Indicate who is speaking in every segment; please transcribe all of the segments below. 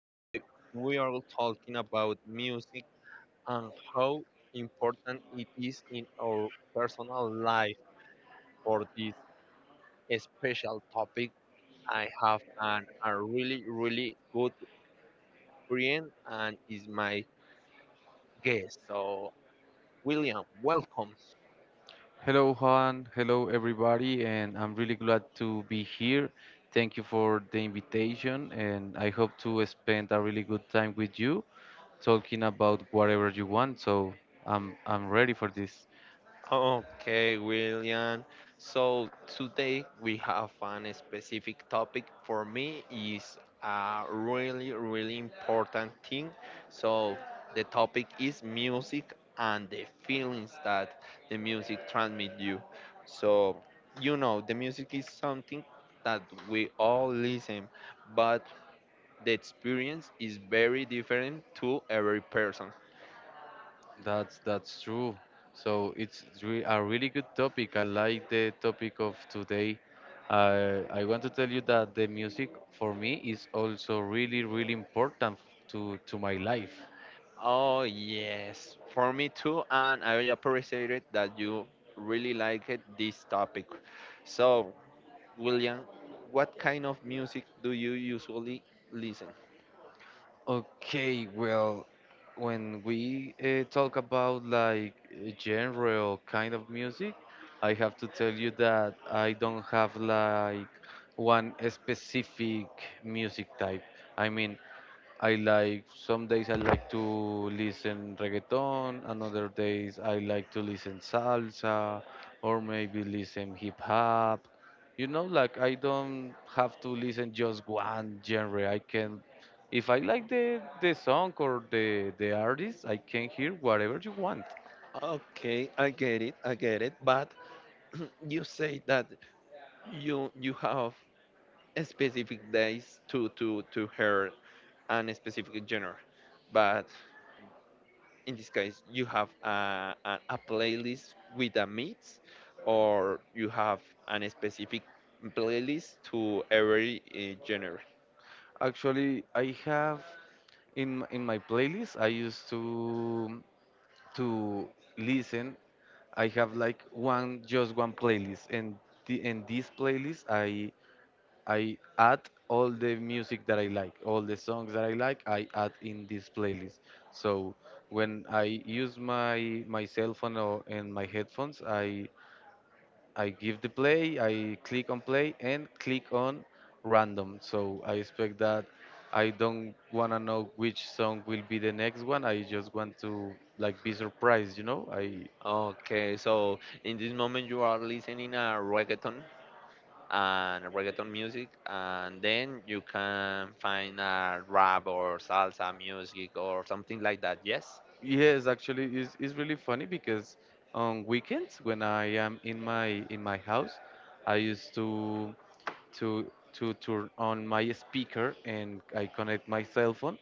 Speaker 1: Today we are talking about music and how important it is in our personal life. For this special topic, I have a really, really good friend and is my guest. So, William, welcome.
Speaker 2: Hello, Juan. Hello, everybody. And I'm really glad to be here. Thank you for the invitation. And I hope to spend a really good time with you talking about whatever you want. So I'm ready for this.
Speaker 1: Okay, William. So today we have a specific topic for me is a really really important thing. So the topic is music and the feelings that the music transmit you. So you know the music is something that we all listen, but the experience is very different to every person.
Speaker 2: That's true. So a really good topic. I like the topic of today. I want to tell you that the music for me is also really, really important to my life.
Speaker 1: Oh yes, for me too, and I appreciate it that you really like it this topic. So, William, what kind of music do you usually listen?
Speaker 2: Okay, well, when we talk about like genre or kind of music, I have to tell you that I don't have like one specific music type. I mean, I like some days I like to listen reggaeton, another days I like to listen salsa or maybe listen hip hop. You know, like I don't have to listen just one genre. I can if I like the song or the artist, I can hear whatever you want.
Speaker 1: Okay, I get it, I get it. But you say that you have a specific days to to hear an specific genre, but in this case you have a playlist with a mix or you have an specific playlist to every genre.
Speaker 2: Actually, I have in my playlist I used to listen I have like one just one playlist, and in this playlist I add all the music that I like, all the songs that I like, I add in this playlist. So when I use my cell phone or and my headphones, I give the play, I click on play and click on random. So I expect that I don't wanna know which song will be the next one. I just want to like be surprised, you know. I
Speaker 1: Okay, so in this moment you are listening a reggaeton and reggaeton music, and then you can find a rap or salsa music or something like that. Yes.
Speaker 2: Yes, actually, it's really funny because on weekends when I am in my house, I used to to to turn on my speaker and I connect my cell phone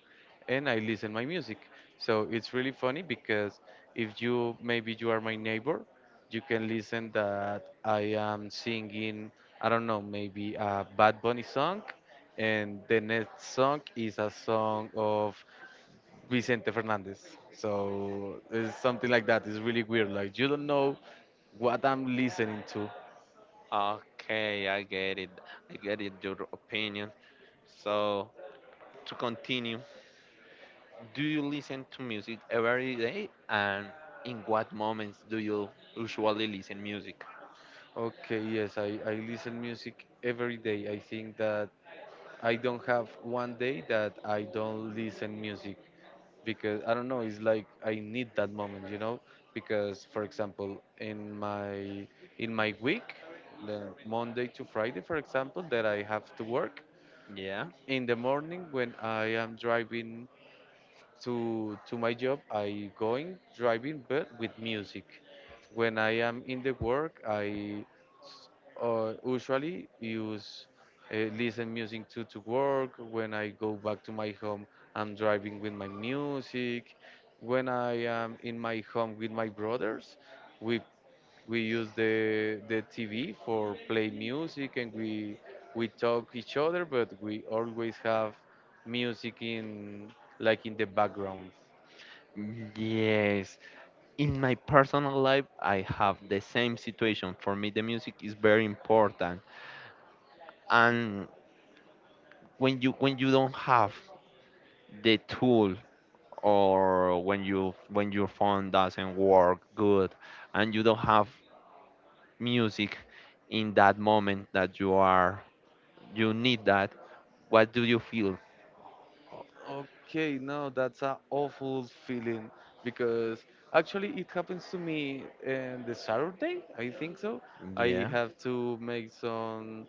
Speaker 2: and I listen my music. So it's really funny because if you maybe you are my neighbor, you can listen that I am singing, I don't know, maybe a Bad Bunny song, and the next song is a song of Vicente Fernandez. So it's something like that. It's really weird. Like you don't know what I'm listening to.
Speaker 1: Okay, I get it. I get it. Your opinion. So to continue, do you listen to music every day? And in what moments do you usually listen music?
Speaker 2: Okay, yes, I listen music every day. I think that I don't have one day that I don't listen music because I don't know, it's like I need that moment, you know? Because for example, in my week, the Monday to Friday, for example, that I have to work,
Speaker 1: Yeah.
Speaker 2: in the morning when I am driving to my job I going driving but with music when I am in the work i s- usually use listen music to work when I go back to my home I'm driving with my music when I am in my home with my brothers we we use the TV for play music and we talk each other, but we always have music in like in the background.
Speaker 1: Yes. In my personal life, I have the same situation. For me, the music is very important. And when you don't have the tool or when you when your phone doesn't work good and you don't have music in that moment that you are you need that, what do you feel?
Speaker 2: Okay, no, that's an awful feeling because actually it happens to me on the Saturday, I think so. I
Speaker 1: Yeah.
Speaker 2: have to make some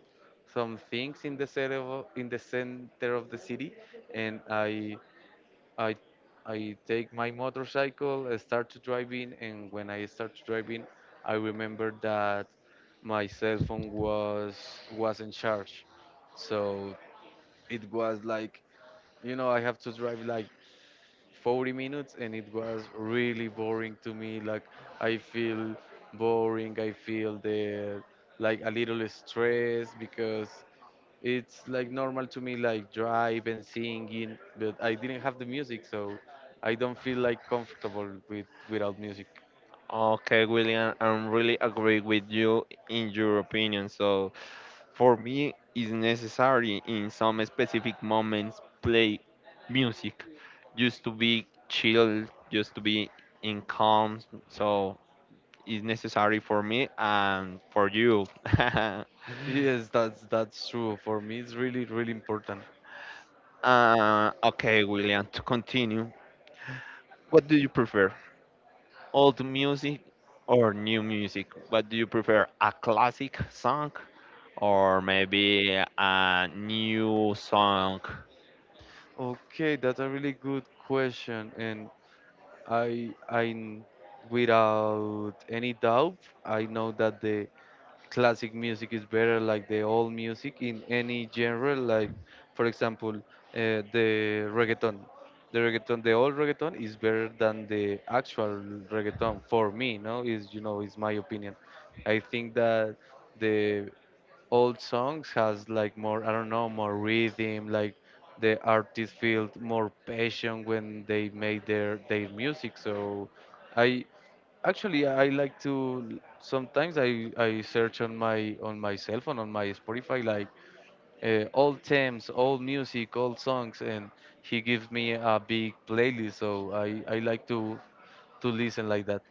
Speaker 2: some things in the center of, in the center of the city, and I I take my motorcycle, I start to driving, and when I start to driving, I remember that my cell phone was in charge, so it was like you know I have to drive like 40 minutes, and it was really boring to me. Like I feel boring, I feel the like a little stress because it's like normal to me like drive and singing but I didn't have the music so I don't feel like comfortable with without music
Speaker 1: Okay, William, I'm really agree with you in your opinion. So, for me, it's necessary in some specific moments play music, just to be chill, just to be in calm. So, it's necessary for me and for you.
Speaker 2: yes that's true for me it's really really important
Speaker 1: Okay, William, to continue, what do you prefer, old music or new music? What do you prefer, a classic song or maybe a new song.
Speaker 2: okay that's a really good question and i without any doubt I know that the classic music is better, like the old music in any genre, like for example, the reggaeton. The reggaeton, the old reggaeton is better than the actual reggaeton for me, no? Is you know, is my opinion. I think that the old songs has like more I don't know more rhythm like the artist felt more passion when they made their music so I actually I like to sometimes i search on my cell phone on my spotify like old themes old music old songs and he gives me a big playlist so i like to listen like that.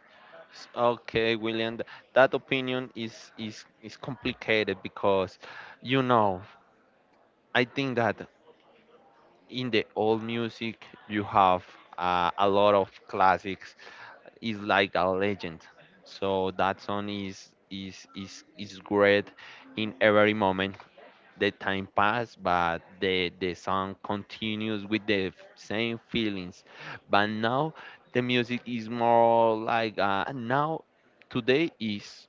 Speaker 1: Okay, William, that opinion is complicated because you know, I think that in the old music you have a lot of classics. It's like a legend. So that song is great in every moment. The time pass but the song continues with the same feelings, but now the music is more like now today is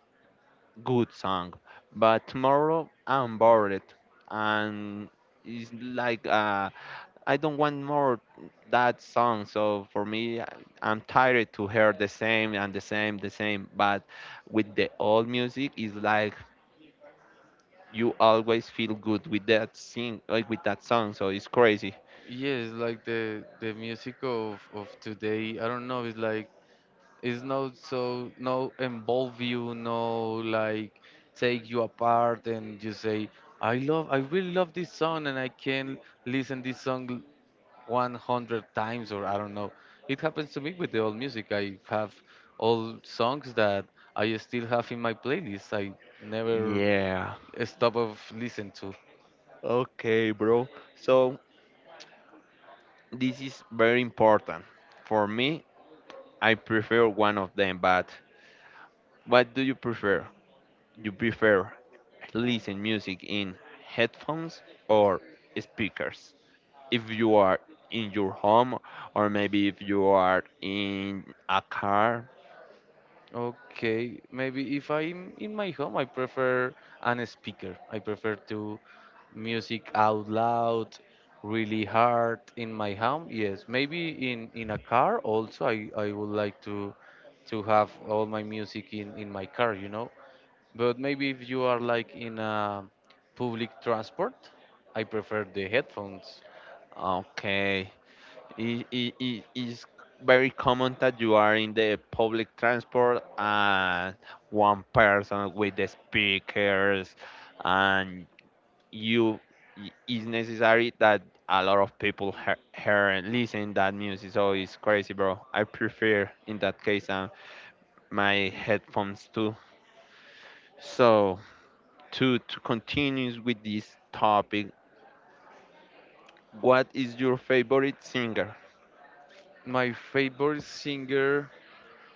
Speaker 1: good song but tomorrow I'm bored, and it's like I don't want more that song. So for me, I'm tired to hear the same and the same the same, but with the old music it's like you always feel good with that sing, like with that song. So it's crazy.
Speaker 2: Yes, like the music of today, I don't know, it's like it's not so no involve you, no like take you apart and you say, I love I really love this song and I can listen this song 100 times or I don't know. It happens to me with the old music. I have old songs that I still have in my playlist. I never
Speaker 1: Yeah,
Speaker 2: stop of listen to.
Speaker 1: okay, bro. So this is very important. For me I prefer one of them, but what do you prefer? You prefer listen music in headphones or speakers if you are in your home or maybe if you are in a car?
Speaker 2: Okay, maybe if I'm in my home, I prefer an speaker. I prefer to music out loud, really hard in my home. Yes, maybe in a car also. I would like to have all my music in my car, you know. But maybe if you are like in a public transport, I prefer the headphones.
Speaker 1: Okay, it is very common that you are in the public transport and one person with the speakers, and you it's necessary that a lot of people hear and listen that music. So it's crazy, bro. I prefer in that case, my headphones too. So to continue with this topic, what is your favorite singer?
Speaker 2: My favorite singer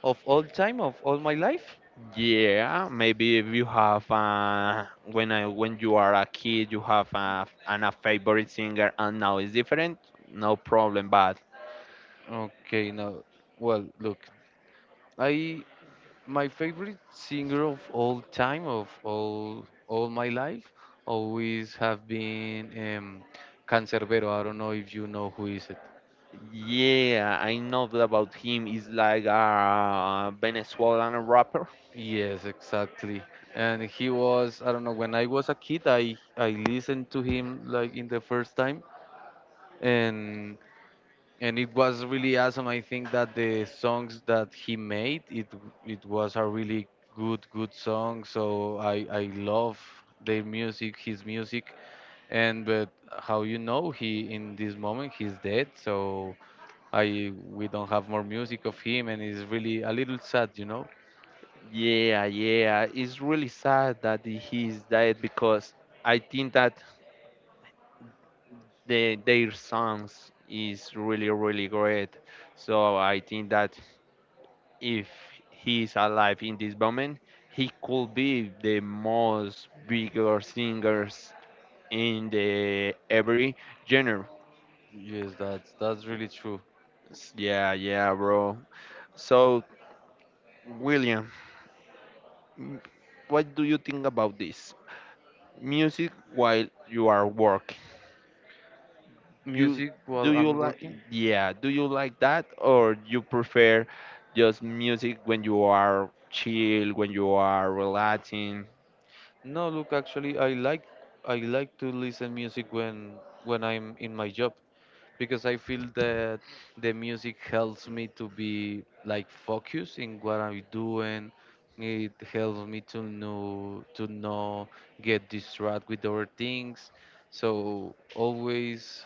Speaker 2: of all time, of all my life.
Speaker 1: Yeah, maybe if you have when I when you are a kid, you have a favorite singer, and now it's different. No problem, but
Speaker 2: Okay, now, well, look. I my favorite singer of all time of all my life always have been Cancerbero. I don't know if you know who is it.
Speaker 1: yeah, I know that about him. He's like a Venezuelan rapper.
Speaker 2: Yes, exactly. And he was I don't know when I was a kid I listened to him like in the first time and and it was really awesome. I think that the songs that he made, it was a really good song. So I love their music, his music, and but how you know he in this moment he's dead. So I we don't have more music of him, and it's really a little sad, you know.
Speaker 1: Yeah, yeah, it's really sad that he's dead because I think that their songs is really really great. So I think that if he is alive in this moment, he could be the most bigger singers in the every genre.
Speaker 2: Yes, that's really true.
Speaker 1: Yeah, yeah, bro. So, William, m- what do you think about this? Music while you are working. You
Speaker 2: Music
Speaker 1: do
Speaker 2: while
Speaker 1: you
Speaker 2: I'm
Speaker 1: like
Speaker 2: working.
Speaker 1: yeah, do you like that or you prefer just music when you are chill, when you are relaxing?
Speaker 2: No, look, actually, I like to listen music when I'm in my job because I feel that the music helps me to be like focused in what I'm doing. It helps me to know to not get distracted with other things. So always,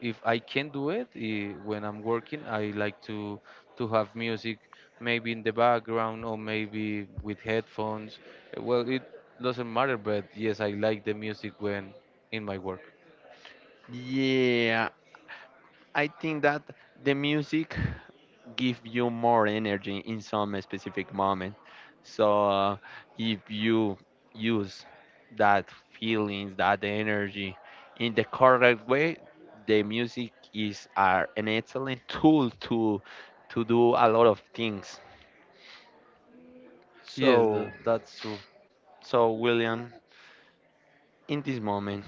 Speaker 2: if I can do it when I'm working, I like to have music maybe in the background or maybe with headphones. Well, it doesn't matter, but yes, I like the music when in my work.
Speaker 1: Yeah, I think that the music give you more energy in some specific moment. So if you use that feelings, that energy in the correct way, the music is are an excellent tool to do a lot of things.
Speaker 2: Yes,
Speaker 1: So
Speaker 2: that's true.
Speaker 1: so William, in this moment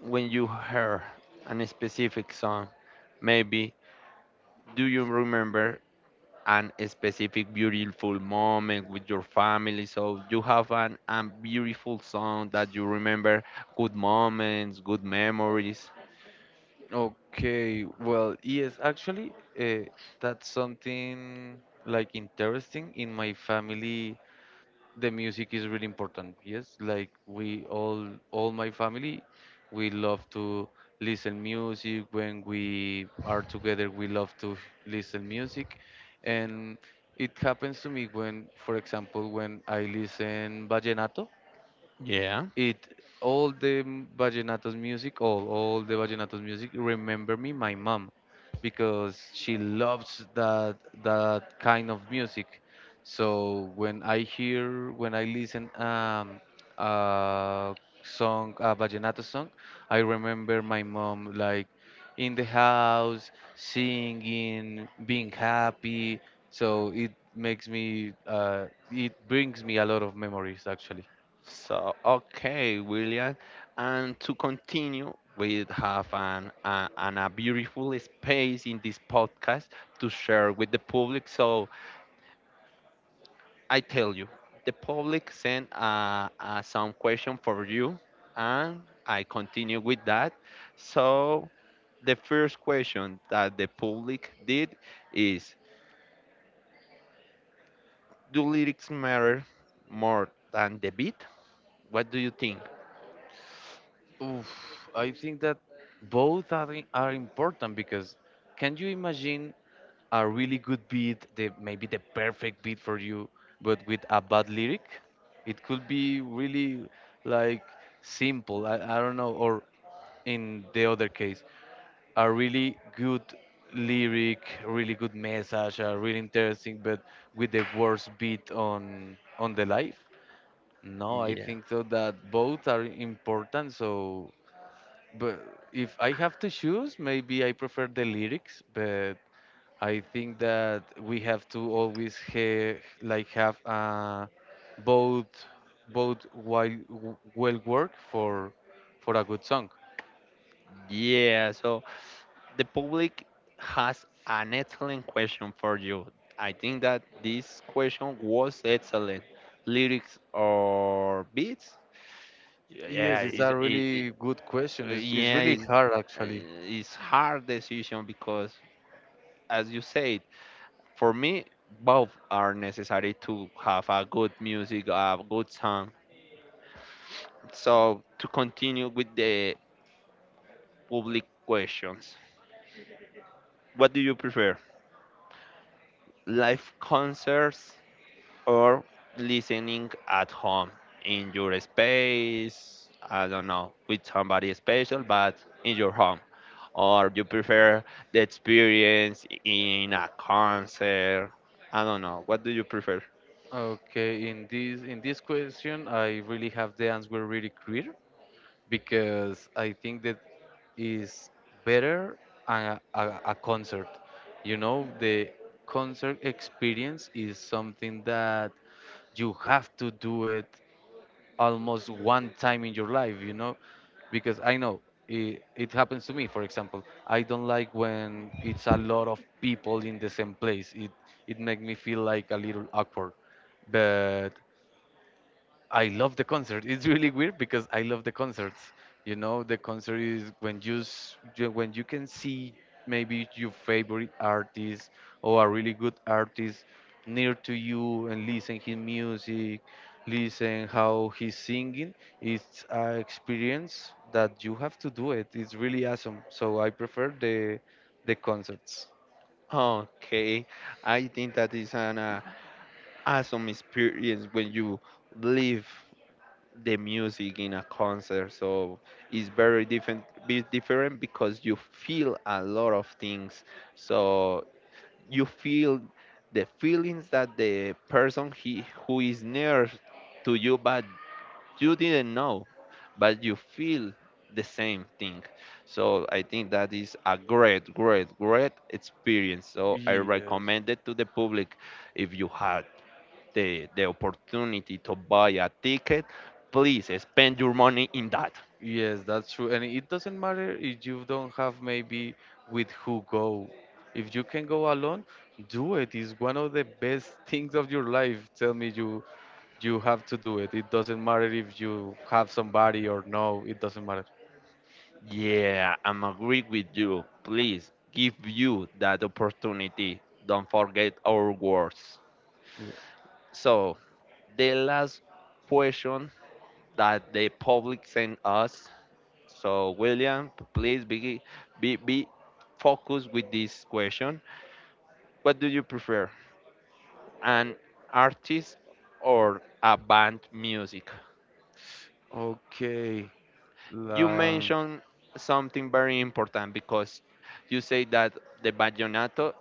Speaker 1: when you heard an specific song, maybe do you remember an specific beautiful moment with your family, so you have an a beautiful song that you remember good moments, good memories.
Speaker 2: Okay, well, yes, actually, uh, that's something like interesting. In my family, the music is really important. Yes, like we all my family, we love to listen music. When we are together, we love to listen music, and it happens to me when, for example, when I listen vallenato
Speaker 1: Yeah.
Speaker 2: it all vallenatos music all the vallenatos music remember me my mom because she loves that that kind of music so when I hear when I listen a song a vallenato song I remember my mom like in the house singing being happy so it makes me it brings me a lot of memories actually.
Speaker 1: So okay, William, and to continue, we have an a beautiful space in this podcast to share with the public. So I tell you the public sent some question for you, and I continue with that. So the first question that the public did is, do lyrics matter more than the beat? What do you think?
Speaker 2: Oof, I think that are important because can you imagine a really good beat, the maybe the perfect beat for you, but with a bad lyric? It could be really like simple, I don't know, or in the other case, a really good lyric, really good message, really interesting, but with the worst beat on the life. No, I
Speaker 1: Yeah.
Speaker 2: think so that both are important. So but if I have to choose, maybe I prefer the lyrics, but I think that we have to always like have both both while well work for a good song.
Speaker 1: Yeah, so the public has an excellent question for you. I think that this question was excellent. Lyrics or beats? Yeah,
Speaker 2: Yes, it's a really good question. It's
Speaker 1: yeah,
Speaker 2: really hard actually.
Speaker 1: it's hard decision because, as you said, for me both are necessary to have a good music, a good song. So to continue with the public questions, what do you prefer, live concerts or listening at home in your space? I don't know, with somebody special, but in your home, or you prefer the experience in a concert? I don't know, what do you prefer?
Speaker 2: Okay, in this question, I really have the answer really clear, because I think that is better a concert. You know, the concert experience is something that you have to do it almost one time in your life, you know, because I know it happens to me, for example. I don't like when it's a lot of people in the same place. It makes me feel like a little awkward. But I love the concert. It's really weird because I love the concerts. You know, the concert is when you when you can see maybe your favorite artist or a really good artist near to you and listen his music, listen how he's singing. It's an experience that you have to do it. It's really awesome. So I prefer the concerts.
Speaker 1: Okay, I think that is an awesome experience when you live the music in a concert. So it's very different, be different because you feel a lot of things. So you feel the feelings that the person he who is near to you, but you didn't know, but you feel the same thing. So I think that is a great, great, great experience. So I
Speaker 2: Yes.
Speaker 1: recommend it to the public, if you had the opportunity to buy a ticket, please spend your money in that.
Speaker 2: Yes, that's true. And it doesn't matter if you don't have maybe with who go. If you can go alone, do it. It's one of the best things of your life. Tell me you you have to do it. It doesn't matter if you have somebody or no, it doesn't matter.
Speaker 1: Yeah, I'm agree with you. Please give you that opportunity. Don't forget our words.
Speaker 2: Yeah.
Speaker 1: So the last question that the public sent us. So William, please be focused with this question. What do you prefer, an artist or a band music?
Speaker 2: Okay.
Speaker 1: You
Speaker 2: La,
Speaker 1: mentioned something very important because you say that the vallenato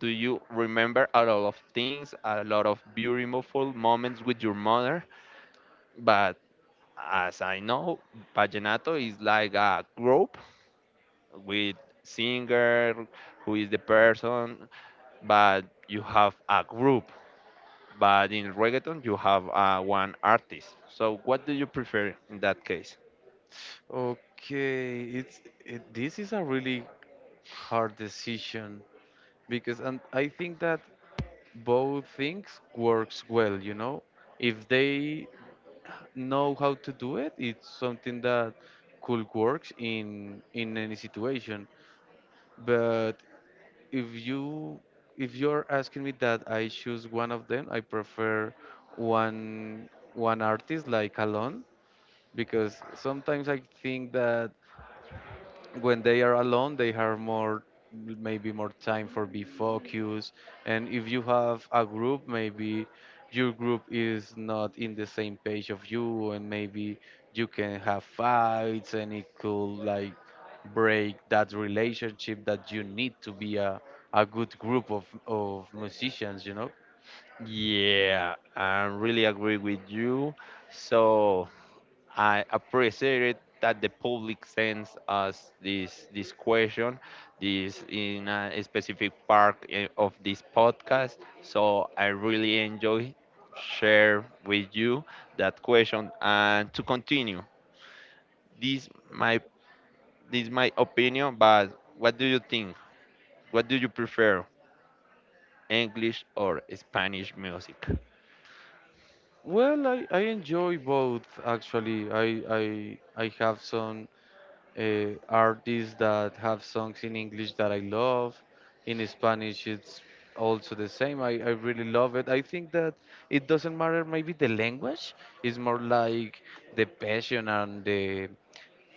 Speaker 1: do you remember a lot of things, a lot of beautiful moments with your mother, but as I know, vallenato is like a group with singer who is the person, but you have a group, but in reggaeton you have one artist. So what do you prefer in that case?
Speaker 2: okay. It's this is a really hard decision because and I think that both things works well, you know. If they know how to do it. It's something that could work in any situation. But if you if you're asking me that I choose one of them, I prefer one one artist like alone because sometimes I think that when they are alone they have more maybe more time for be focused. And if you have a group, maybe your group is not in the same page of you, and maybe you can have fights and it could like break that relationship that you need to be a good group of musicians, you know.
Speaker 1: Yeah, I really agree with you. So I appreciate it that the public sends us this question, this in a specific part of this podcast. So I really enjoy share with you that question. And to continue, this my this my opinion, but what do you think? What do you prefer, English or Spanish music?
Speaker 2: Well I enjoy both, actually. I have some artists that have songs in English that I love. In Spanish, it's also the same. I really love it. I think that it doesn't matter, maybe the language, is more like the passion and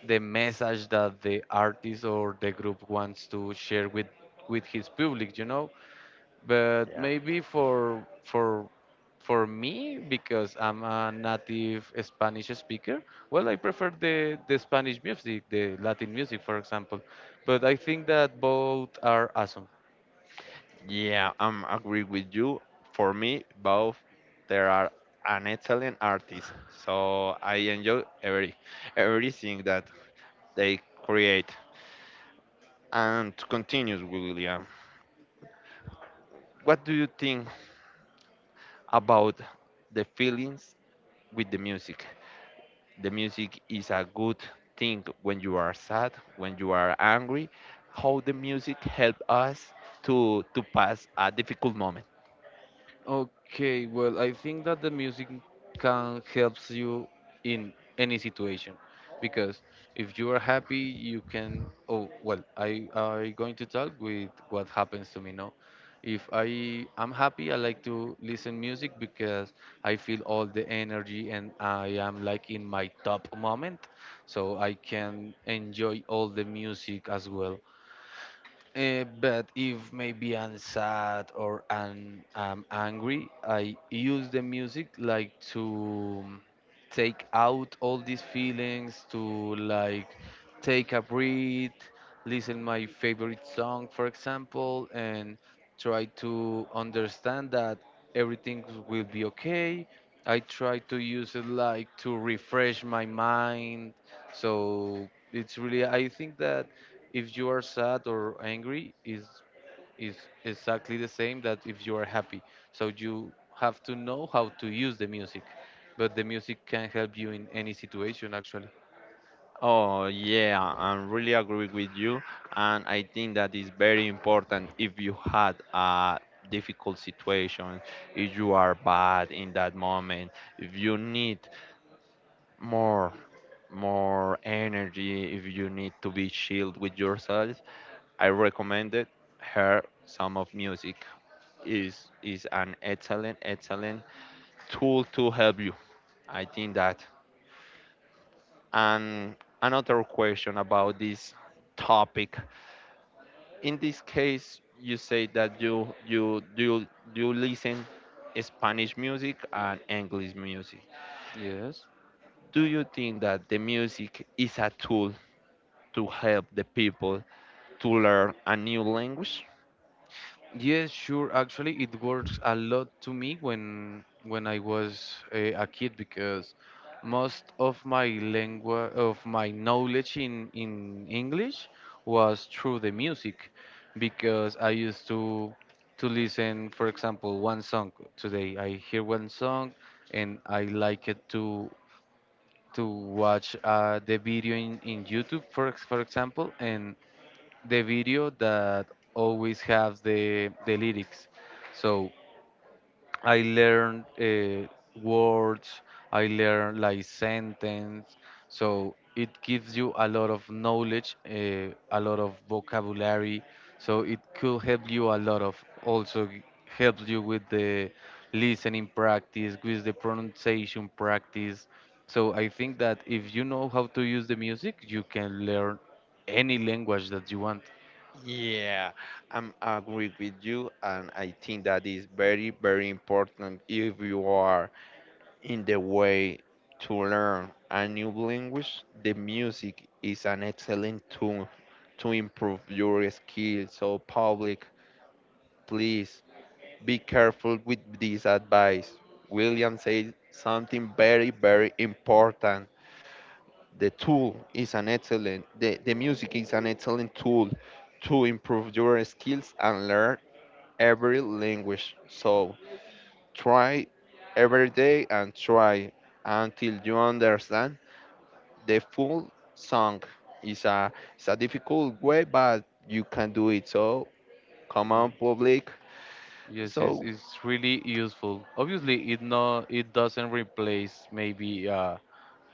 Speaker 2: the message that the artist or the group wants to share with his public, you know? But
Speaker 1: Yeah.
Speaker 2: maybe for me, because I'm a native Spanish speaker, well, I prefer the Spanish music, the Latin music, for example. But I think that both are awesome.
Speaker 1: Yeah, I'm agree with you. For me, both there are an excellent artist, so I enjoy everything that they create. And to continue, William, what do you think about the feelings with the music? The music is a good thing when you are sad, when you are angry. How the music help us to pass a difficult moment.
Speaker 2: Okay, well, I think that the music can helps you in any situation, because if you are happy, you can. Oh, well, I going to talk with what happens to me now. If I am happy, I like to listen music because I feel all the energy and I am like in my top moment, so I can enjoy all the music as well. But if maybe I'm sad or I'm angry, I use the music like to take out all these feelings, to like take a breath, listen my favorite song, for example, and try to understand that everything will be okay. I try to use it like to refresh my mind. So it's really, I think that if you are sad or angry is exactly the same that if you are happy, so you have to know how to use the music, but the music can help you in any situation, actually.
Speaker 1: Oh, yeah, I really agree with you. And I think that is very important if you had a difficult situation, if you are bad in that moment, if you need more more energy, if you need to be chilled with yourself, I recommended her some of music is an excellent, excellent tool to help you. I think that. And another question about this topic, in this case you say that you listen Spanish music and English music.
Speaker 2: Yes.
Speaker 1: Do you think that the music is a tool to help the people to learn a new language?
Speaker 2: Yes, sure. Actually, it works a lot to me when I was a kid, because most of my language of my knowledge in English was through the music, because I used to listen, for example, one song today. I hear one song and I like it to watch the video in YouTube, for example, and the video that always have the lyrics. So I learned words, I learned like sentence. So it gives you a lot of knowledge, a lot of vocabulary. So it could help you a lot of also g- helps you with the listening practice, with the pronunciation practice. So I think that if you know how to use the music, you can learn any language that you want.
Speaker 1: Yeah, I'm agree with you and I think that is very very important if you are in the way to learn a new language, the music is an excellent tool to improve your skills. So, public, please be careful with this advice. William said something very, very important. The tool is an excellent, the music is an excellent tool to improve your skills and learn every language. So, try every day and try until you understand the full song. Is a it's a difficult way, but you can do it. So come on, public.
Speaker 2: Yes,
Speaker 1: So
Speaker 2: it's really useful. Obviously, it doesn't replace maybe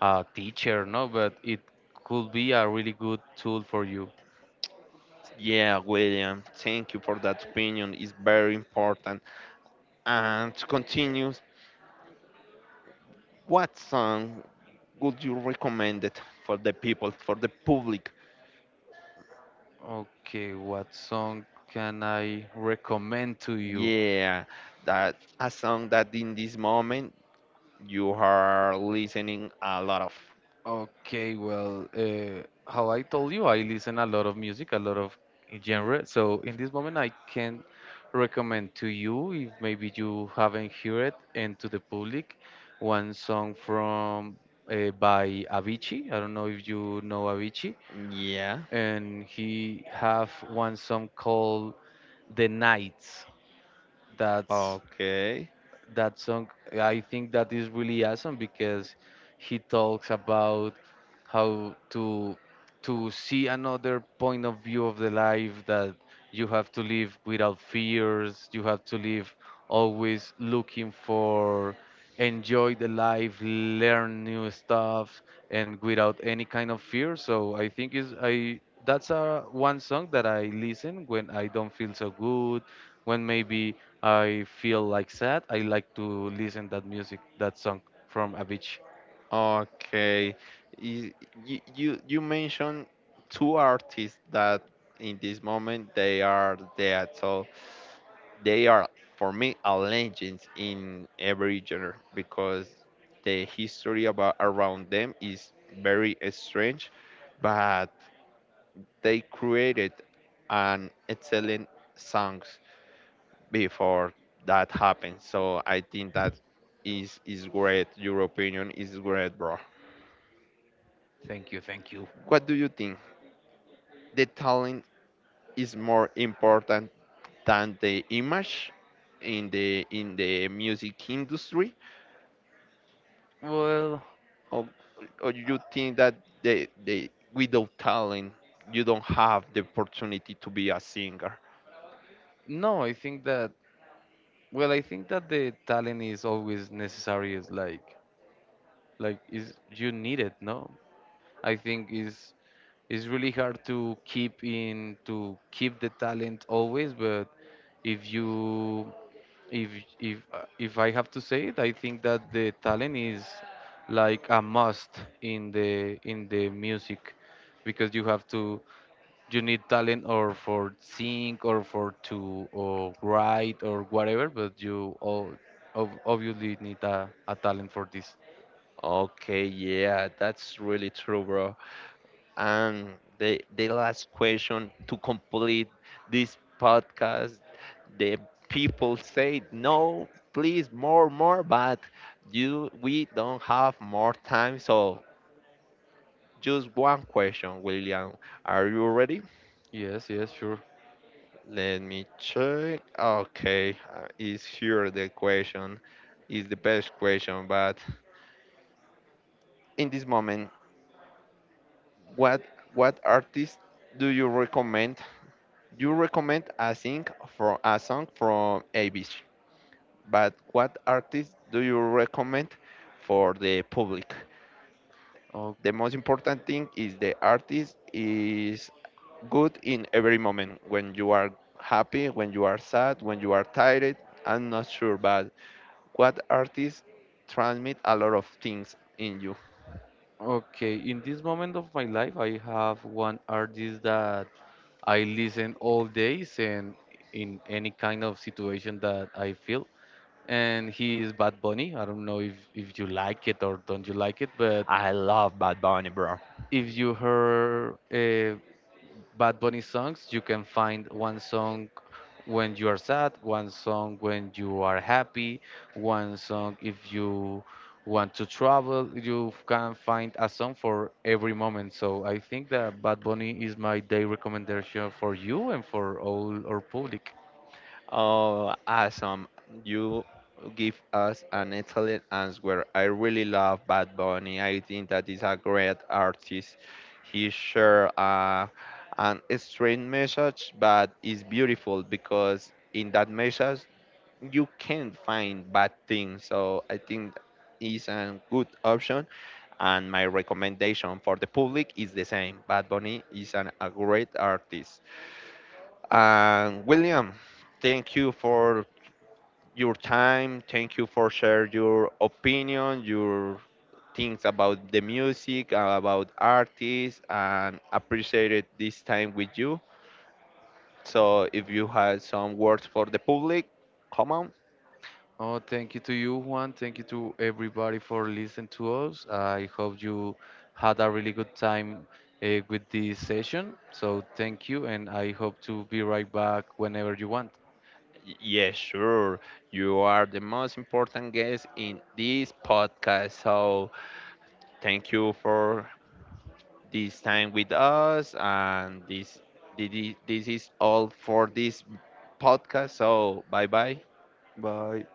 Speaker 2: a teacher, no, but it could be a really good tool for you.
Speaker 1: yeah, William, thank you for that opinion. It's very important. And to continue, what song would you recommend it for the people, for the public?
Speaker 2: Okay, what song can I recommend to you?
Speaker 1: Yeah, that a song that in this moment you are listening a lot of.
Speaker 2: Okay, well, how I told you, I listen a lot of music, a lot of genre. So in this moment, I can recommend to you, if maybe you haven't heard it, and to the public, one song from by Avicii. I don't know if you know Avicii,
Speaker 1: Yeah.
Speaker 2: and he have one song called "The Nights." That's
Speaker 1: Okay.
Speaker 2: that song, I think that is really awesome because he talks about how to see another point of view of the life, that you have to live without fears, you have to live always looking for enjoy the life, learn new stuff, and without any kind of fear. So I think is I that's a one song that I listen when I don't feel so good, when maybe I feel like sad, I like to listen that music, that song from Avicii.
Speaker 1: Okay. You, mentioned two artists that in this moment they are dead. So they are for me a legends in every genre because the history about around them is very strange, but they created an excellent songs before that happened. So I think that is great. Your opinion is great, bro.
Speaker 2: Thank you, thank you.
Speaker 1: What do you think? The talent is more important than the image in the music industry,
Speaker 2: Well,
Speaker 1: or or you think that the without talent you don't have the opportunity to be a singer?
Speaker 2: no, I think that Well, I think that the talent is always necessary. Is like, is you need it, no? I think is it's really hard to keep in to keep the talent always, but if you if if I have to say it, I think that the talent is like a must in the music, because you have to you need talent or for sing or for to or write or whatever, but you all obviously need a talent for this.
Speaker 1: Okay, yeah, that's really true, bro. And the last question to complete this podcast, the people say no, please more, more, but you we don't have more time, so just one question, William. Are you ready?
Speaker 2: Yes, yes, sure.
Speaker 1: Let me check. Okay, is here the question. Is the best question, but in this moment, what what artist do you recommend? You recommend a sing for a song from ABC, but what artist do you recommend for the public?
Speaker 2: O-
Speaker 1: The most important thing is the artist is good in every moment when you are happy, when you are sad, when you are tired. I'm not sure, but what artist transmit a lot of things in you?
Speaker 2: okay, in this moment of my life, I have one artist that I listen all days, and in any kind of situation that I feel, and he is Bad Bunny. I don't know if you like it or don't you like it, but
Speaker 1: I love Bad Bunny, bro.
Speaker 2: if you heard Bad Bunny songs, you can find one song when you are sad, one song when you are happy, one song if you want to travel. You can find a song for every moment. So I think that Bad Bunny is my day recommendation for you and for all our public.
Speaker 1: Oh, awesome. You give us an excellent answer. I really love Bad Bunny. I think that is a great artist. He sure an extreme message, but it's beautiful because in that message you can find bad things. So I think is a good option, and my recommendation for the public is the same. Bad Bunny is a great artist. And William, thank you for your time. Thank you for share your opinion, your things about the music, about artists, and appreciated this time with you. So if you had some words for the public, come on.
Speaker 2: Oh, thank you to you, Juan. Thank you to everybody for listening to us. I hope you had a really good time with this session. So, thank you, and I hope to be right back whenever you want.
Speaker 1: Yes, sure. You are the most important guest in this podcast. So thank you for this time with us, and this is all for this podcast. So bye bye.
Speaker 2: Bye.